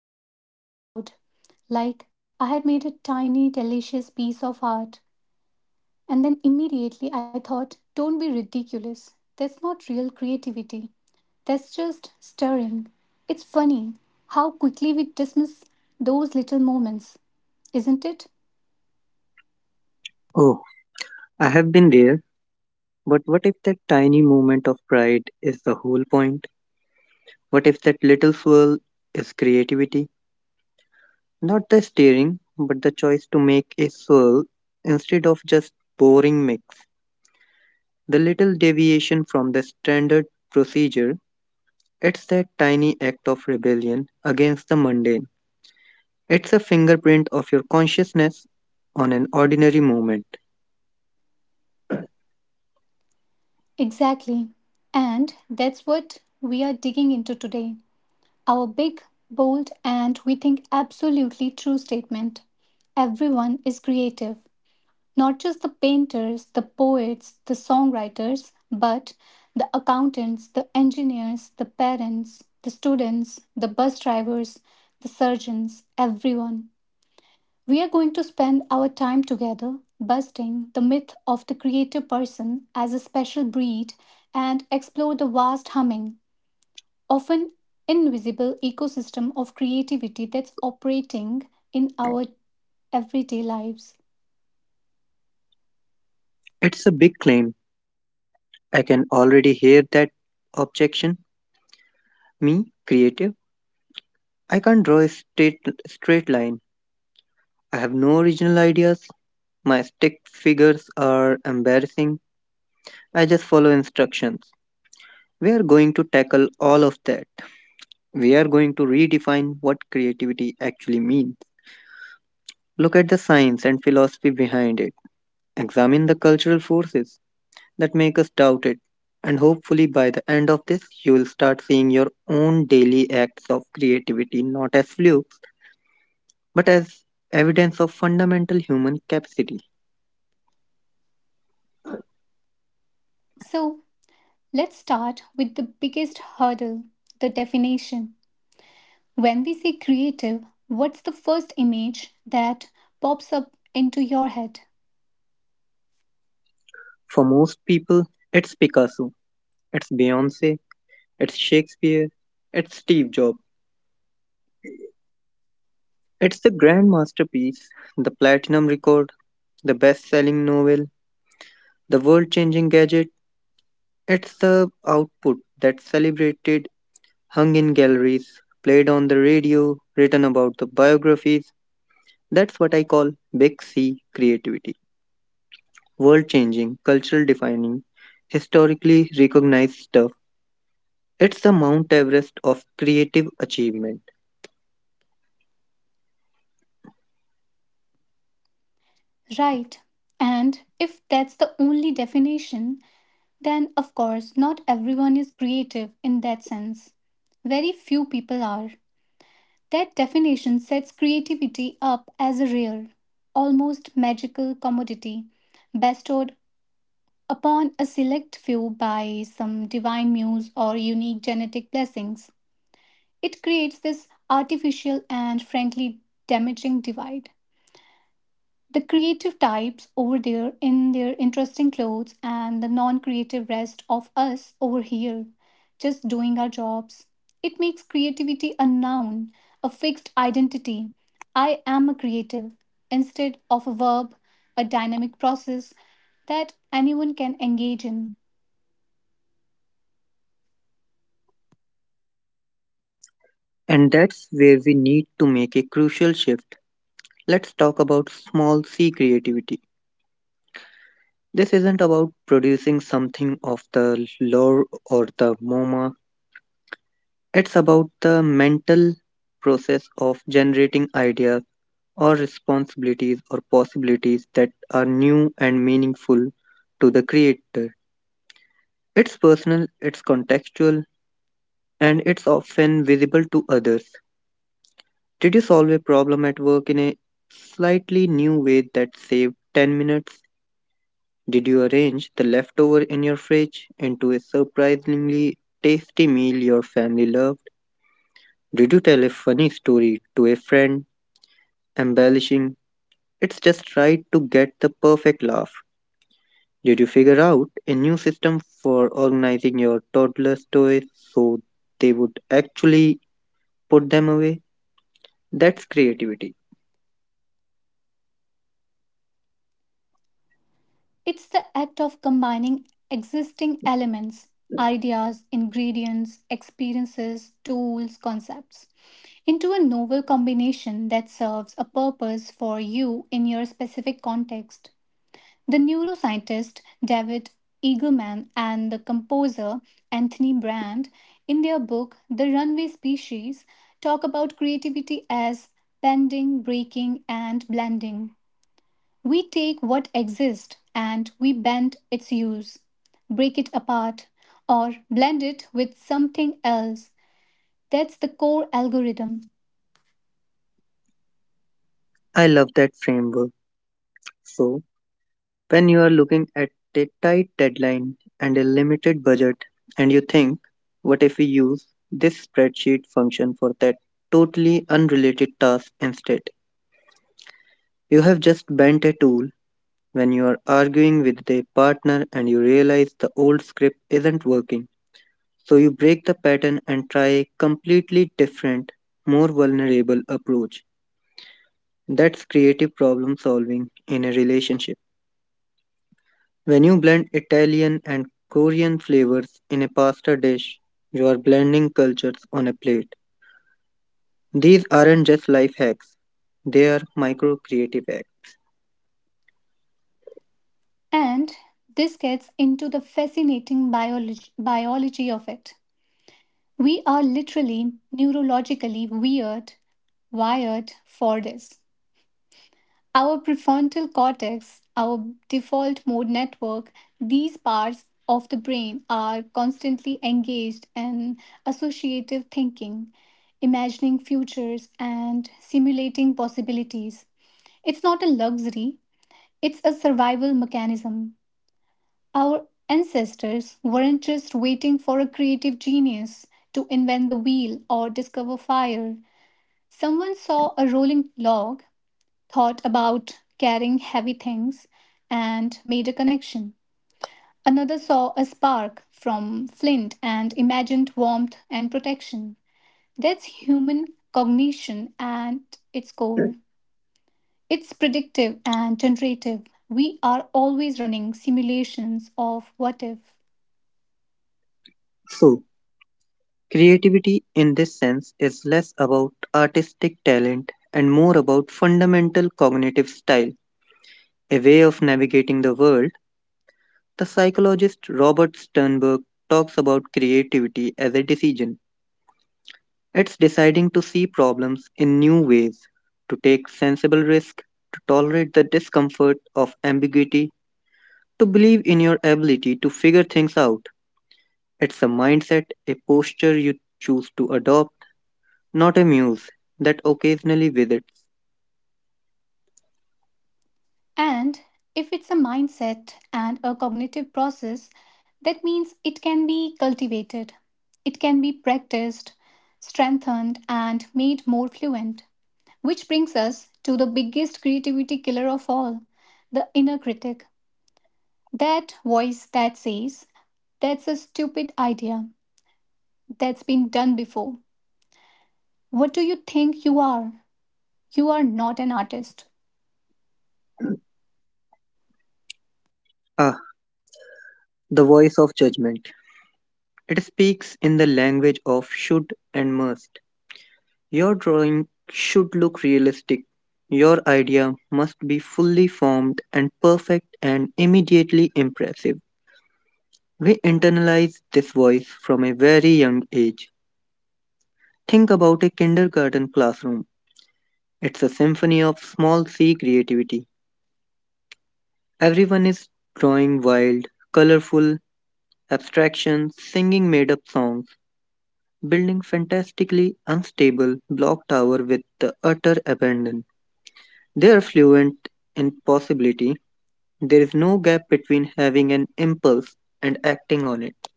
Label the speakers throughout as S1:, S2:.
S1: I felt proud, like I had made a tiny, delicious piece of art. And then immediately I thought, don't be ridiculous. That's not real creativity. That's just stirring. It's funny how quickly we dismiss those little moments, isn't it?
S2: Oh, I have been there, but what if that tiny moment of pride is the whole point? What if that little swirl is creativity? Not the steering, but the choice to make a swirl instead of just boring mix. The little deviation from the standard procedure, it's that tiny act of rebellion against the mundane. It's a fingerprint of your consciousness on an ordinary moment.
S1: Exactly. And that's what we are digging into today. Our big, bold, and we think absolutely true statement everyone is creative. Not just the painters, the poets, the songwriters, but the accountants, the engineers, the parents, the students, the bus drivers, the surgeons, everyone. We are going to spend our time together busting the myth of the creative person as a special breed and explore the vast humming, often invisible ecosystem of creativity that's operating in our everyday lives.
S2: It's a big claim. I can already hear that objection. Me, creative? I can't draw a straight line. I have no original ideas. My stick figures are embarrassing. I just follow instructions. We are going to tackle all of that. We are going to redefine what creativity actually means. Look at the science and philosophy behind it. Examine the cultural forces that make us doubt it. And hopefully, by the end of this, you will start seeing your own daily acts of creativity not as flukes, but as evidence of fundamental human capacity.
S1: So, let's start with the biggest hurdle the definition. When we say creative, what's the first image that pops up into your head?
S2: For most people, it's Picasso, it's Beyonce, it's Shakespeare, it's Steve Jobs. It's the grand masterpiece, the platinum record, the best selling novel, the world changing gadget. It's the output that's celebrated, hung in galleries, played on the radio, written about the biographies. That's what I call big C creativity. World changing, cultural defining, historically recognized stuff. It's the Mount Everest of creative achievement.
S1: Right. And if that's the only definition, then of course not everyone is creative in that sense. Very few people are. That definition sets creativity up as a rare, almost magical commodity bestowed upon a select few by some divine muse or unique genetic blessings. It creates this artificial and frankly damaging divide. The creative types over there in their interesting clothes, and the non creative rest of us over here, just doing our jobs. It makes creativity a noun, a fixed identity. I am a creative, instead of a verb, a dynamic process that anyone can engage in.
S2: And that's where we need to make a crucial shift. Let's talk about small c creativity. This isn't about producing something of the lore or the MoMA, it's about the mental process of generating ideas or responsibilities or possibilities that are new and meaningful to the creator. It's personal, it's contextual, and it's often visible to others. Did you solve a problem at work in a slightly new way that saved 10 minutes? Did you arrange the leftover in your fridge into a surprisingly tasty meal your family loved? Did you tell a funny story to a friend, embellishing? It's just right to get the perfect laugh. Did you figure out a new system for organizing your toddler's toys so they would actually put them away? That's creativity.
S1: It's the act of combining existing elements, ideas, ingredients, experiences, tools, concepts, into a novel combination that serves a purpose for you in your specific context. The neuroscientist David Eagleman and the composer Anthony Brand, in their book The Runway Species, talk about creativity as bending, breaking, and blending. We take what exists and we bend its use, break it apart, or blend it with something else. That's the core algorithm.
S2: I love that framework. So, when you are looking at a tight deadline and a limited budget, and you think, what if we use this spreadsheet function for that totally unrelated task instead? You have just bent a tool when you are arguing with a partner and you realize the old script isn't working. So you break the pattern and try a completely different, more vulnerable approach. That's creative problem solving in a relationship. When you blend Italian and Korean flavors in a pasta dish, you are blending cultures on a plate. These aren't just life hacks, they are micro creative acts.
S1: And this gets into the fascinating biology of it. We are literally neurologically wired for this. Our prefrontal cortex, our default mode network, these parts of the brain are constantly engaged in associative thinking, imagining futures, and simulating possibilities. It's not a luxury, it's a survival mechanism. Our ancestors weren't just waiting for a creative genius to invent the wheel or discover fire. Someone saw a rolling log thought about carrying heavy things, and made a connection. Another saw a spark from flint and imagined warmth and protection. That's human cognition at its core. It's predictive and generative. We are always running simulations of what if.
S2: So, creativity in this sense is less about artistic talent and more about fundamental cognitive style, a way of navigating the world. The psychologist Robert Sternberg talks about creativity as a decision. It's deciding to see problems in new ways, to take sensible risk, to tolerate the discomfort of ambiguity, to believe in your ability to figure things out. It's a mindset, a posture you choose to adopt, not a muse that occasionally visits.
S1: And if it's a mindset and a cognitive process, that means it can be cultivated, it can be practiced, strengthened, and made more fluent. Which brings us to the biggest creativity killer of all the inner critic. That voice that says, that's a stupid idea. That's been done before. What do you think you are? You are not an artist.
S2: Ah, the voice of judgment. It speaks in the language of should and must. Your drawing should look realistic. Your idea must be fully formed and perfect and immediately impressive. We internalize this voice from a very young age. Think about a kindergarten classroom. It's a symphony of small c creativity. Everyone is drawing wild, colorful abstractions, singing made up songs, building fantastically unstable block tower with the utter abandon. They are fluent in possibility. There is no gap between having an impulse and acting on it.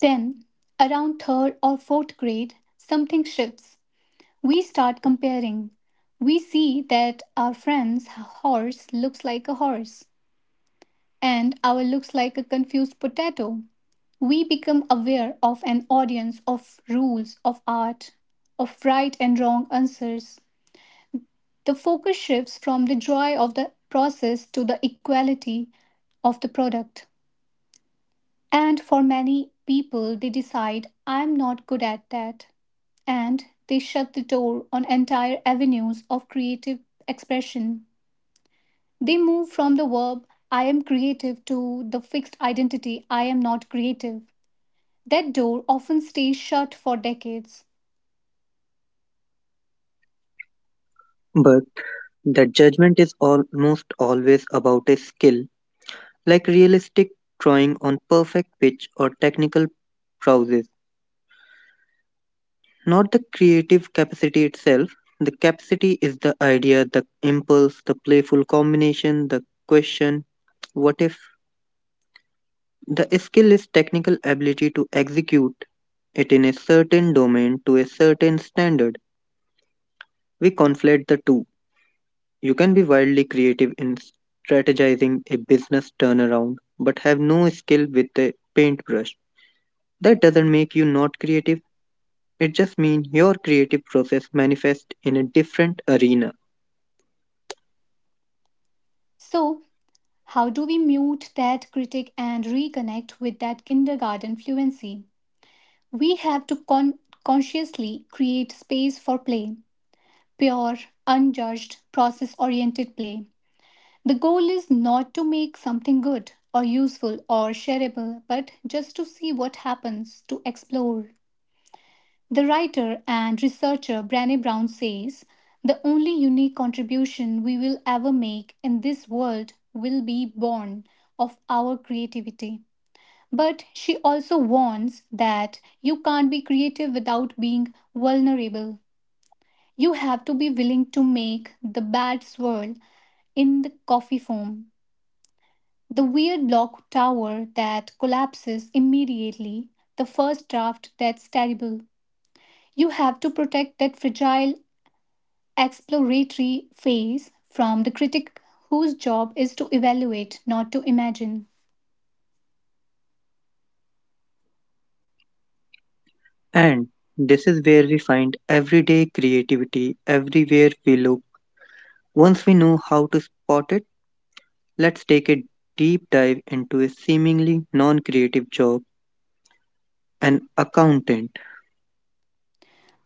S1: Then, around third or fourth grade, something shifts. We start comparing. We see that our friend's horse looks like a horse and our looks like a confused potato. We become aware of an audience of rules, of art, of right and wrong answers. The focus shifts from the joy of the process to the equality of the product. And for many people, they decide, I'm not good at that, and they shut the door on entire avenues of creative expression. They move from the verb I am creative to the fixed identity I am not creative. That door often stays shut for decades.
S2: But that judgment is almost always about a skill, like realistic drawing on perfect pitch or technical prowess. Not the creative capacity itself. The capacity is the idea, the impulse, the playful combination, the question, what if? The skill is technical ability to execute it in a certain domain to a certain standard. We conflate the two. You can be wildly creative in strategizing a business turnaround but have no skill with a paintbrush. That doesn't make you not creative, it just means your creative process manifests in a different arena.
S1: So, how do we mute that critic and reconnect with that kindergarten fluency? We have to consciously create space for play, pure, unjudged, process oriented play. The goal is not to make something good or useful or shareable, but just to see what happens, to explore. The writer and researcher Brené Brown says the only unique contribution we will ever make in this world will be born of our creativity. But she also warns that you can't be creative without being vulnerable. You have to be willing to make the bad swirl in the coffee foam. The weird block tower that collapses immediately, the first draft that's terrible. You have to protect that fragile exploratory phase from the critic whose job is to evaluate, not to imagine.
S2: And this is where we find everyday creativity everywhere we look. Once we know how to spot it, let's take a deep dive into a seemingly non creative job an accountant.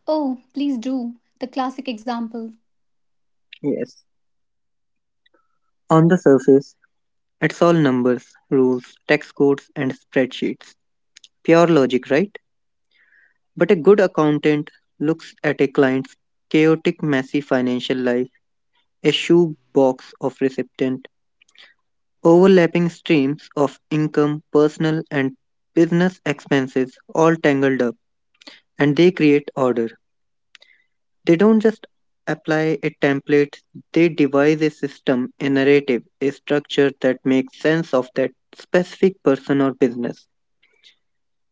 S1: Oh, please do, the classic example.
S2: Yes. On the surface, it's all numbers, rules, tax codes, and spreadsheets. Pure logic, right? But a good accountant looks at a client's chaotic, messy financial life, a shoebox of recipient, overlapping streams of income, personal, and business expenses all tangled up, and they create order. They don't just apply a template, they devise a system, a narrative, a structure that makes sense of that specific person or business.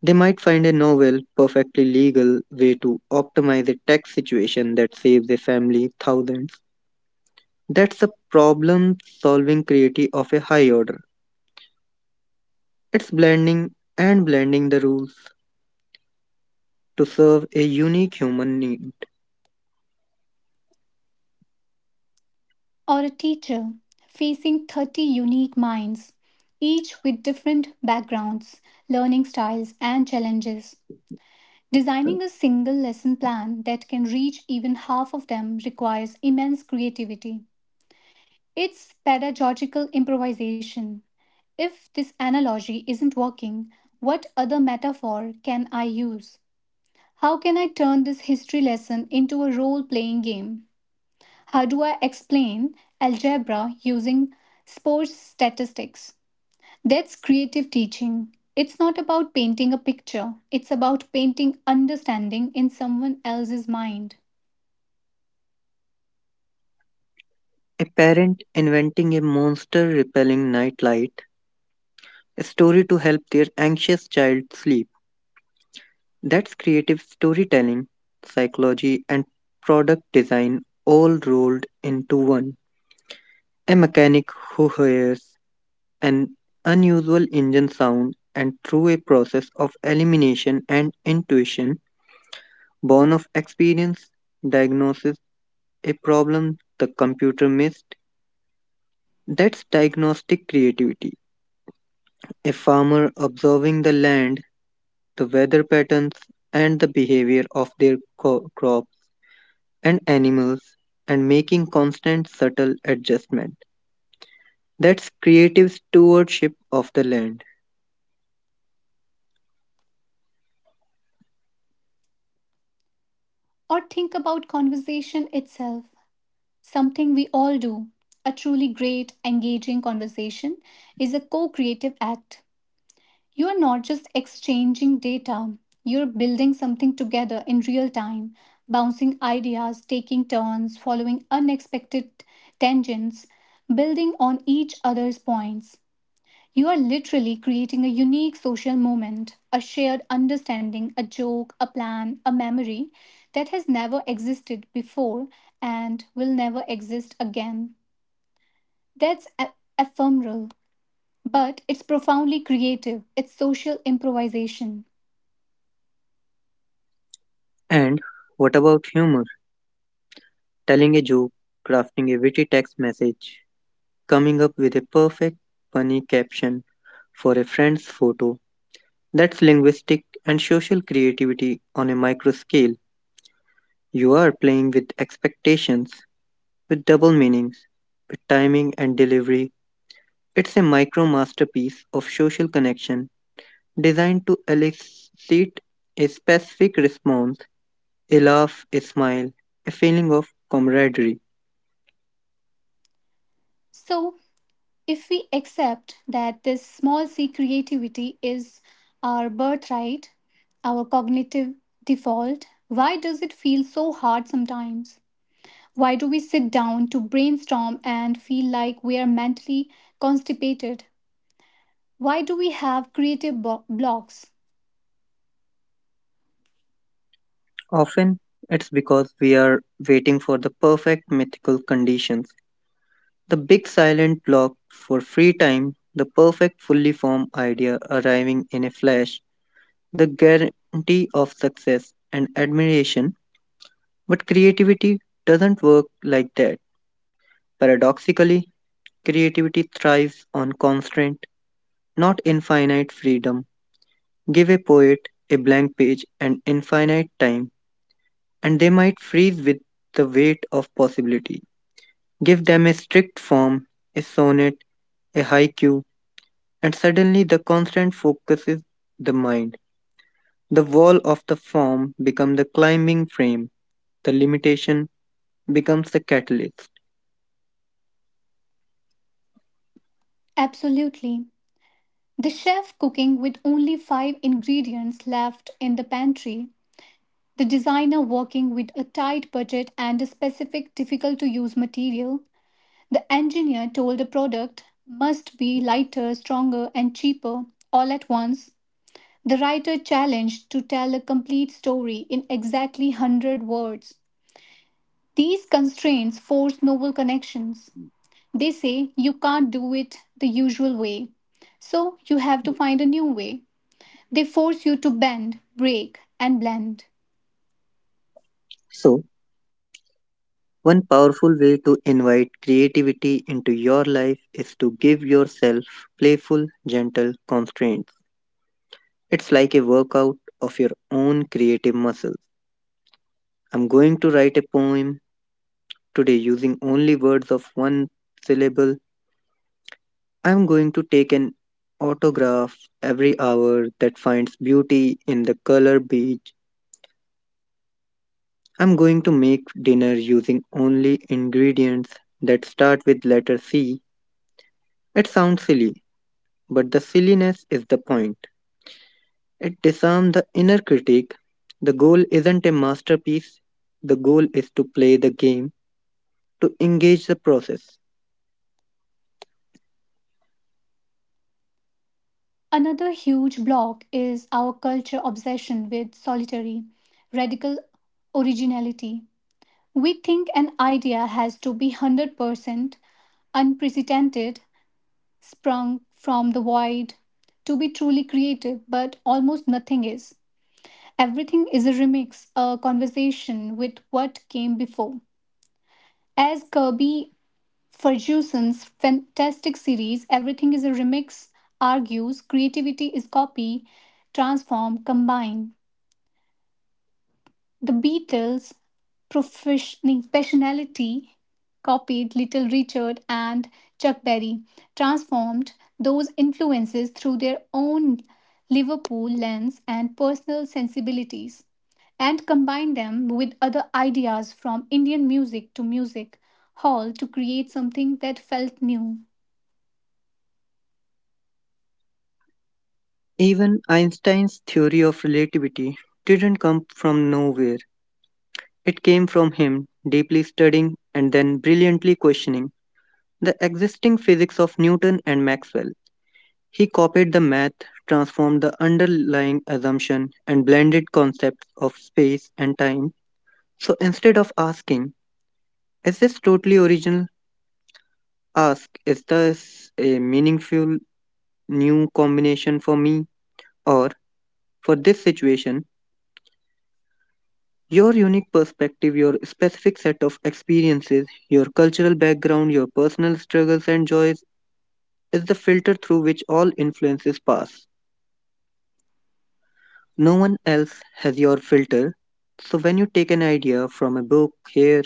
S2: They might find a novel, perfectly legal way to optimize a tax situation that saves a family thousands. That's the problem solving creativity of a high order. It's blending and blending the rules to serve a unique human need.
S1: Or a teacher facing 30 unique minds, each with different backgrounds, learning styles, and challenges. Designing a single lesson plan that can reach even half of them requires immense creativity. It's pedagogical improvisation. If this analogy isn't working, what other metaphor can I use? How can I turn this history lesson into a role playing game? How do I explain algebra using sports statistics? That's creative teaching. It's not about painting a picture, it's about painting understanding in someone else's mind.
S2: A parent inventing a monster repelling nightlight a story to help their anxious child sleep. That's creative storytelling, psychology, and product design all rolled into one. A mechanic who hears an unusual engine sound and through a process of elimination and intuition born of experience diagnoses a problem the computer missed. That's diagnostic creativity. A farmer observing the land the weather patterns, and the behavior of their crops and animals, and making constant subtle adjustment. That's creative stewardship of the land.
S1: Or think about conversation itself, something we all do. A truly great, engaging conversation is a co creative act. You are not just exchanging data, you're building something together in real time, bouncing ideas, taking turns, following unexpected tangents, building on each other's points. You are literally creating a unique social moment, a shared understanding, a joke, a plan, a memory that has never existed before and will never exist again. That's ephemeral, but it's profoundly creative. It's social improvisation.
S2: And what about humor? Telling a joke, crafting a witty text message, coming up with a perfect, funny caption for a friend's photo. That's linguistic and social creativity on a micro scale. You are playing with expectations, with double meanings, with timing and delivery. It's a micro masterpiece of social connection designed to elicit a specific response a laugh, a smile, a feeling of camaraderie.
S1: So, if we accept that this small c creativity is our birthright, our cognitive default, why does it feel so hard sometimes? Why do we sit down to brainstorm and feel like we are mentally constipated? Why do we have creative blocks?
S2: Often it's because we are waiting for the perfect mythical conditions, the big silent block for free time, the perfect fully formed idea arriving in a flash, the guarantee of success and admiration. But creativity doesn't work like that. Paradoxically, creativity thrives on constraint, not infinite freedom. Give a poet a blank page and infinite time, and they might freeze with the weight of possibility. Give them a strict form, a sonnet, a haiku, and suddenly the constant focuses the mind. The wall of the form becomes the climbing frame, the limitation becomes the catalyst.
S1: Absolutely. The chef cooking with only five ingredients left in the pantry, the designer working with a tight budget and a specific difficult to use material, the engineer told a product must be lighter, stronger, and cheaper all at once, the writer challenged to tell a complete story in exactly 100 words. These constraints force novel connections. They say you can't do it the usual way, so you have to find a new way. They force you to bend, break, and blend.
S2: So, one powerful way to invite creativity into your life is to give yourself playful, gentle constraints. It's like a workout of your own creative muscles. I'm going to write a poem today using only words of one syllable. I'm going to take an autograph every hour that finds beauty in the color beige. I'm going to make dinner using only ingredients that start with letter C. It sounds silly, but the silliness is the point. It disarms the inner critic. The goal isn't a masterpiece, the goal is to play the game, to engage the process.
S1: Another huge block is our culture obsession with solitary, radical originality. We think an idea has to be 100% unprecedented, sprung from the void, to be truly creative, but almost nothing is. Everything is a remix, a conversation with what came before. As Kirby Ferguson's fantastic series, Everything is a Remix argues, creativity is copy, transform, combine. The Beatles' professionality copied Little Richard and Chuck Berry, transformed those influences through their own Liverpool lens and personal sensibilities, and combined them with other ideas from Indian music to music hall to create something that felt new.
S2: Even Einstein's theory of relativity didn't come from nowhere. It came from him deeply studying and then brilliantly questioning the existing physics of Newton and Maxwell. He copied the math, transformed the underlying assumption, and blended concepts of space and time. So instead of asking, is this totally original? Ask, is this a meaningful new combination for me or for this situation? Your unique perspective, your specific set of experiences, your cultural background, your personal struggles and joys is the filter through which all influences pass. No one else has your filter. So when you take an idea from a book here,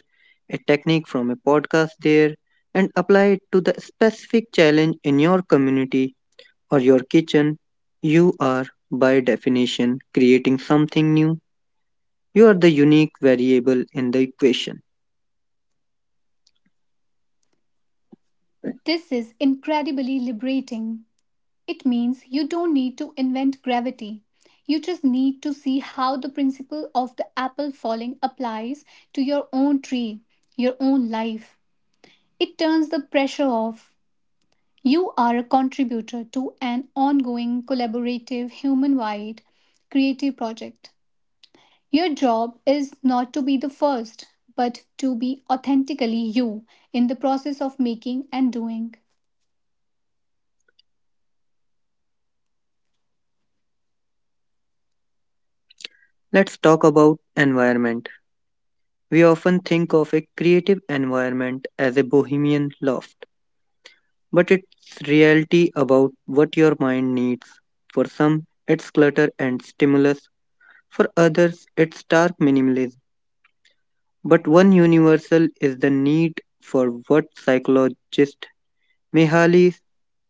S2: a technique from a podcast there, and apply it to the specific challenge in your community, or your kitchen, you are, by definition, creating something new. You are the unique variable in the equation.
S1: This is incredibly liberating. It means you don't need to invent gravity. You just need to see how the principle of the apple falling applies to your own tree, your own life. It turns the pressure off. You are a contributor to an ongoing, collaborative, human wide creative project. Your job is not to be the first, but to be authentically you in the process of making and doing.
S2: Let's talk about environment. We often think of a creative environment as a bohemian loft, but it's reality about what your mind needs. For some, it's clutter and stimulus. For others, it's stark minimalism. But one universal is the need for what psychologists Mihaly's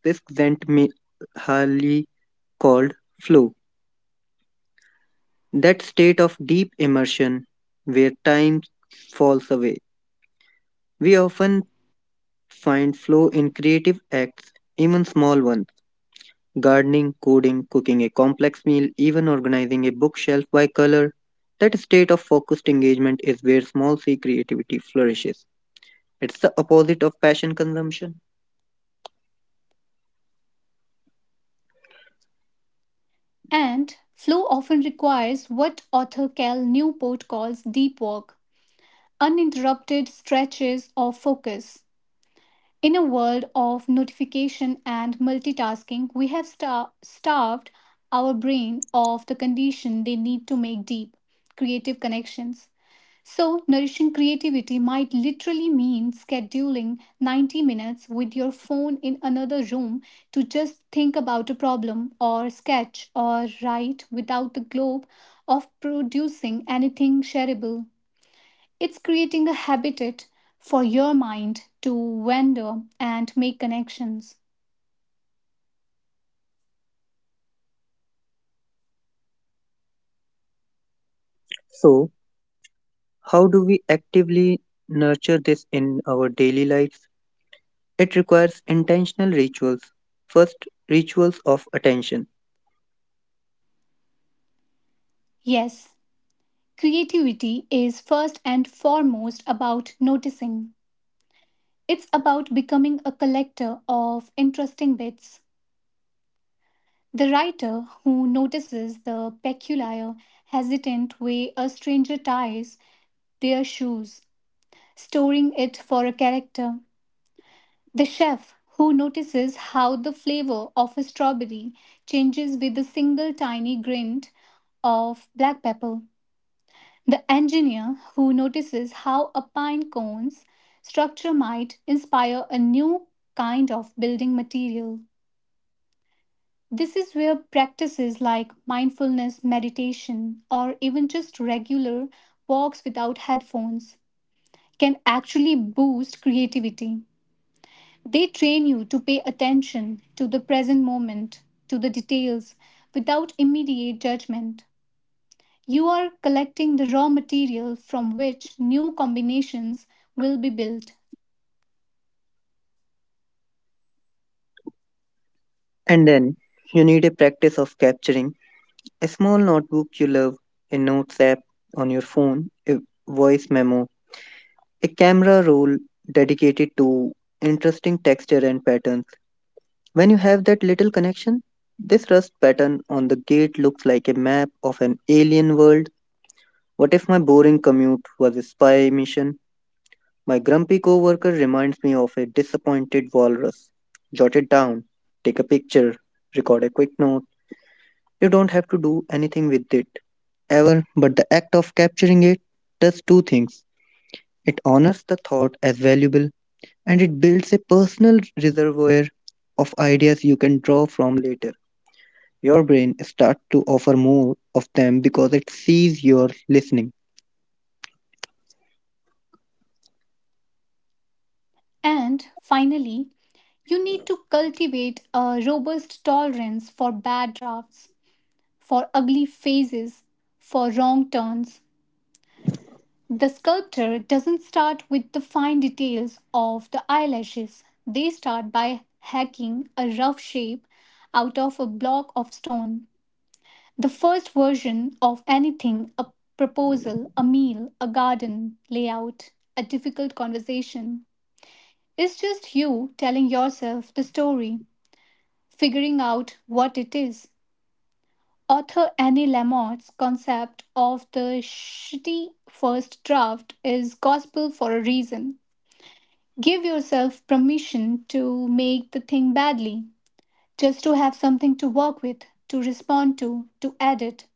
S2: Mihaly called flow, that state of deep immersion where time falls away. We often find flow in creative acts, even small ones gardening, coding, cooking a complex meal, even organizing a bookshelf by color. That state of focused engagement is where small c creativity flourishes. It's the opposite of passion consumption.
S1: And flow often requires what author Cal Newport calls deep work, uninterrupted stretches of focus. In a world of notification and multitasking, we have starved our brain of the condition they need to make deep, creative connections. So, nourishing creativity might literally mean scheduling 90 minutes with your phone in another room to just think about a problem or sketch or write without the globe of producing anything shareable. It's creating a habitat for your mind to wander and make connections.
S2: So, how do we actively nurture this in our daily lives? It requires intentional rituals. First, rituals of attention.
S1: Yes, creativity is first and foremost about noticing. It's about becoming a collector of interesting bits. The writer who notices the peculiar, hesitant way a stranger ties their shoes, storing it for a character. The chef who notices how the flavor of a strawberry changes with a single tiny grind of black pepper. The engineer who notices how a pine cone's structure might inspire a new kind of building material. This is where practices like mindfulness, meditation, or even just regular walks without headphones can actually boost creativity. They train you to pay attention to the present moment, to the details, without immediate judgment. You are collecting the raw material from which new combinations will be built.
S2: And then, you need a practice of capturing a small notebook you love, a notes app on your phone, a voice memo, a camera roll dedicated to interesting texture and patterns. When you have that little connection, this rust pattern on the gate looks like a map of an alien world. What if my boring commute was a spy mission? My grumpy coworker reminds me of a disappointed walrus. Jot it down, take a picture, record a quick note. You don't have to do anything with it ever, but the act of capturing it does two things. It honors the thought as valuable and it builds a personal reservoir of ideas you can draw from later. Your brain starts to offer more of them because it sees you're listening.
S1: And finally, you need to cultivate a robust tolerance for bad drafts, for ugly faces, for wrong turns. The sculptor doesn't start with the fine details of the eyelashes. They start by hacking a rough shape out of a block of stone. The first version of anything, a proposal, a meal, a garden layout, a difficult conversation, is just you telling yourself the story, figuring out what it is. Author Annie Lamott's concept of the shitty first draft is gospel for a reason. Give yourself permission to make the thing badly, just to have something to work with, to respond to edit.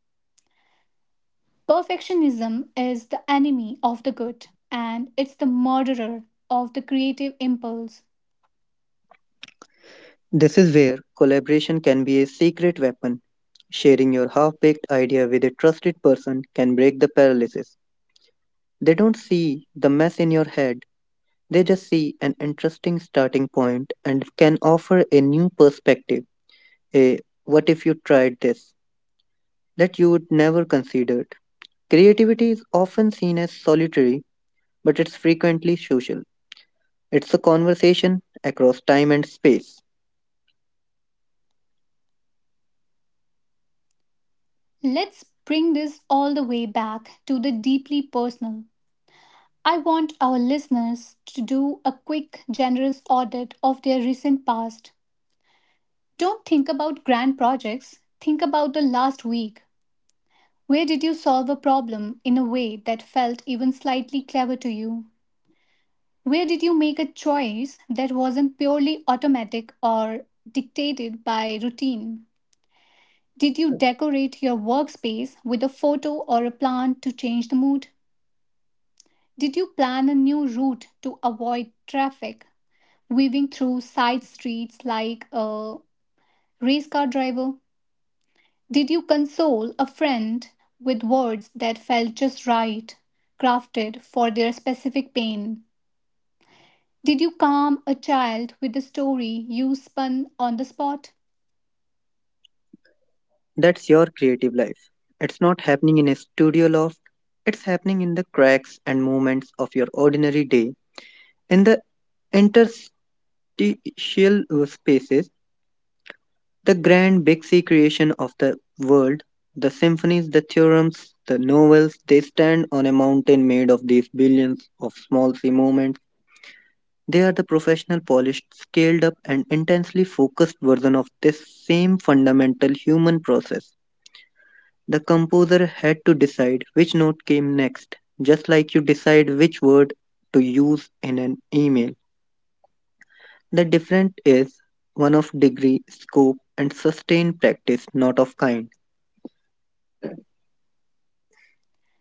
S1: Perfectionism is the enemy of the good, and it's the murderer of the creative impulse.
S2: This is where collaboration can be a secret weapon. Sharing your half baked idea with a trusted person can break the paralysis. They don't see the mess in your head, they just see an interesting starting point and can offer a new perspective. A what if you tried this that you would never considered. Creativity is often seen as solitary, but it's frequently social. It's a conversation across time and space.
S1: Let's bring this all the way back to the deeply personal. I want our listeners to do a quick, generous audit of their recent past. Don't think about grand projects, think about the last week. Where did you solve a problem in a way that felt even slightly clever to you? Where did you make a choice that wasn't purely automatic or dictated by routine? Did you decorate your workspace with a photo or a plant to change the mood? Did you plan a new route to avoid traffic, weaving through side streets like a race car driver? Did you console a friend with words that felt just right, crafted for their specific pain? Did you calm a child with a story you spun on the spot?
S2: That's your creative life. It's not happening in a studio loft, it's happening in the cracks and moments of your ordinary day, in the interstitial spaces, the grand big C creation of the world, the symphonies, the theorems, the novels, they stand on a mountain made of these billions of small C moments. They are the professional, polished, scaled up, and intensely focused version of this same fundamental human process. The composer had to decide which note came next, just like you decide which word to use in an email. The difference is one of degree, scope, and sustained practice, not of kind.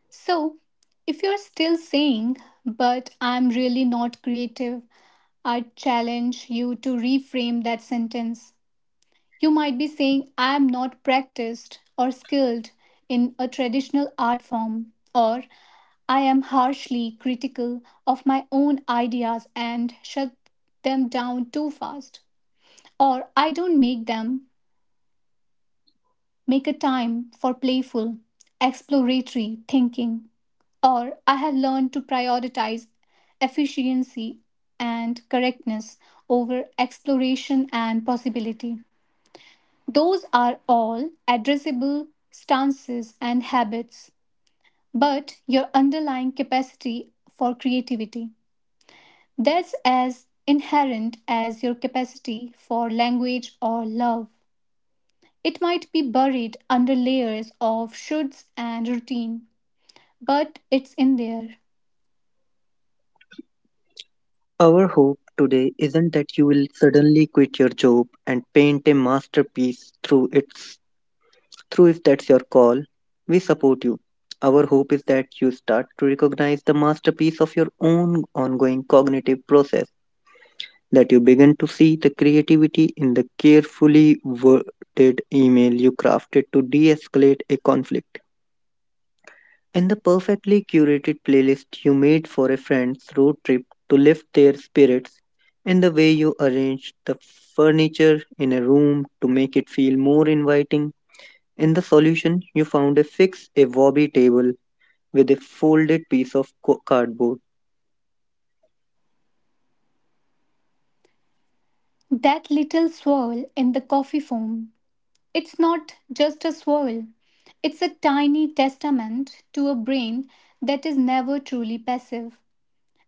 S1: So, if you're still saying, but I'm really not creative, I challenge you to reframe that sentence. You might be saying, I am not practiced or skilled in a traditional art form, or I am harshly critical of my own ideas and shut them down too fast, or I don't make a time for playful, exploratory thinking, or I have learned to prioritize efficiency and correctness over exploration and possibility. Those are all addressable stances and habits, but your underlying capacity for creativity. That's as inherent as your capacity for language or love. It might be buried under layers of shoulds and routine, but it's in there.
S2: Our hope today isn't that you will suddenly quit your job and paint a masterpiece through if that's your call. We support you. Our hope is that you start to recognize the masterpiece of your own ongoing cognitive process, that you begin to see the creativity in the carefully worded email you crafted to de escalate a conflict, in the perfectly curated playlist you made for a friend's road trip to lift their spirits, in the way you arranged the furniture in a room to make it feel more inviting. In the solution, you found a fix a wobby table with a folded piece of cardboard.
S1: That little swirl in the coffee foam. It's not just a swirl, it's a tiny testament to a brain that is never truly passive,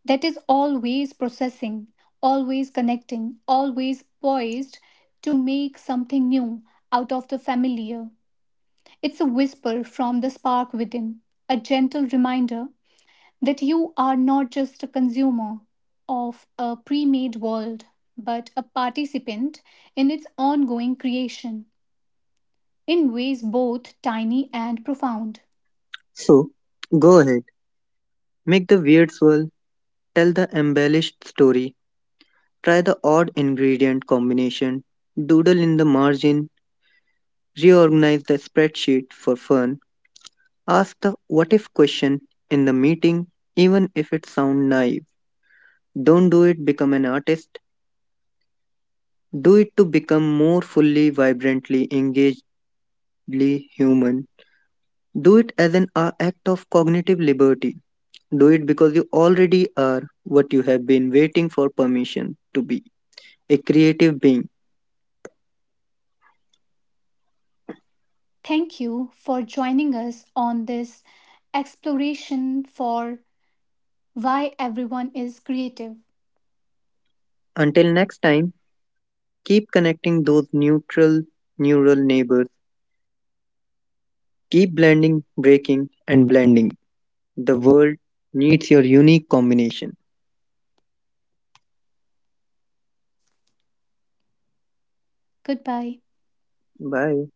S1: that is always processing, always connecting, always poised to make something new out of the familiar. It's a whisper from the spark within, a gentle reminder that you are not just a consumer of a pre made world, but a participant in its ongoing creation in ways both tiny and profound.
S2: So, go ahead, make the weird swirl, tell the embellished story, try the odd ingredient combination, doodle in the margin, reorganize the spreadsheet for fun, ask the what if question in the meeting, even if it sounds naive. Don't do it become an artist, do it to become more fully, vibrantly, engagedly human. Do it as an act of cognitive liberty. Do it because you already are what you have been waiting for permission to be a creative being.
S1: Thank you for joining us on this exploration for why everyone is creative.
S2: Until next time. Keep connecting those neutral neural neighbors. Keep blending, breaking, and blending. The world needs your unique combination.
S1: Goodbye.
S2: Bye.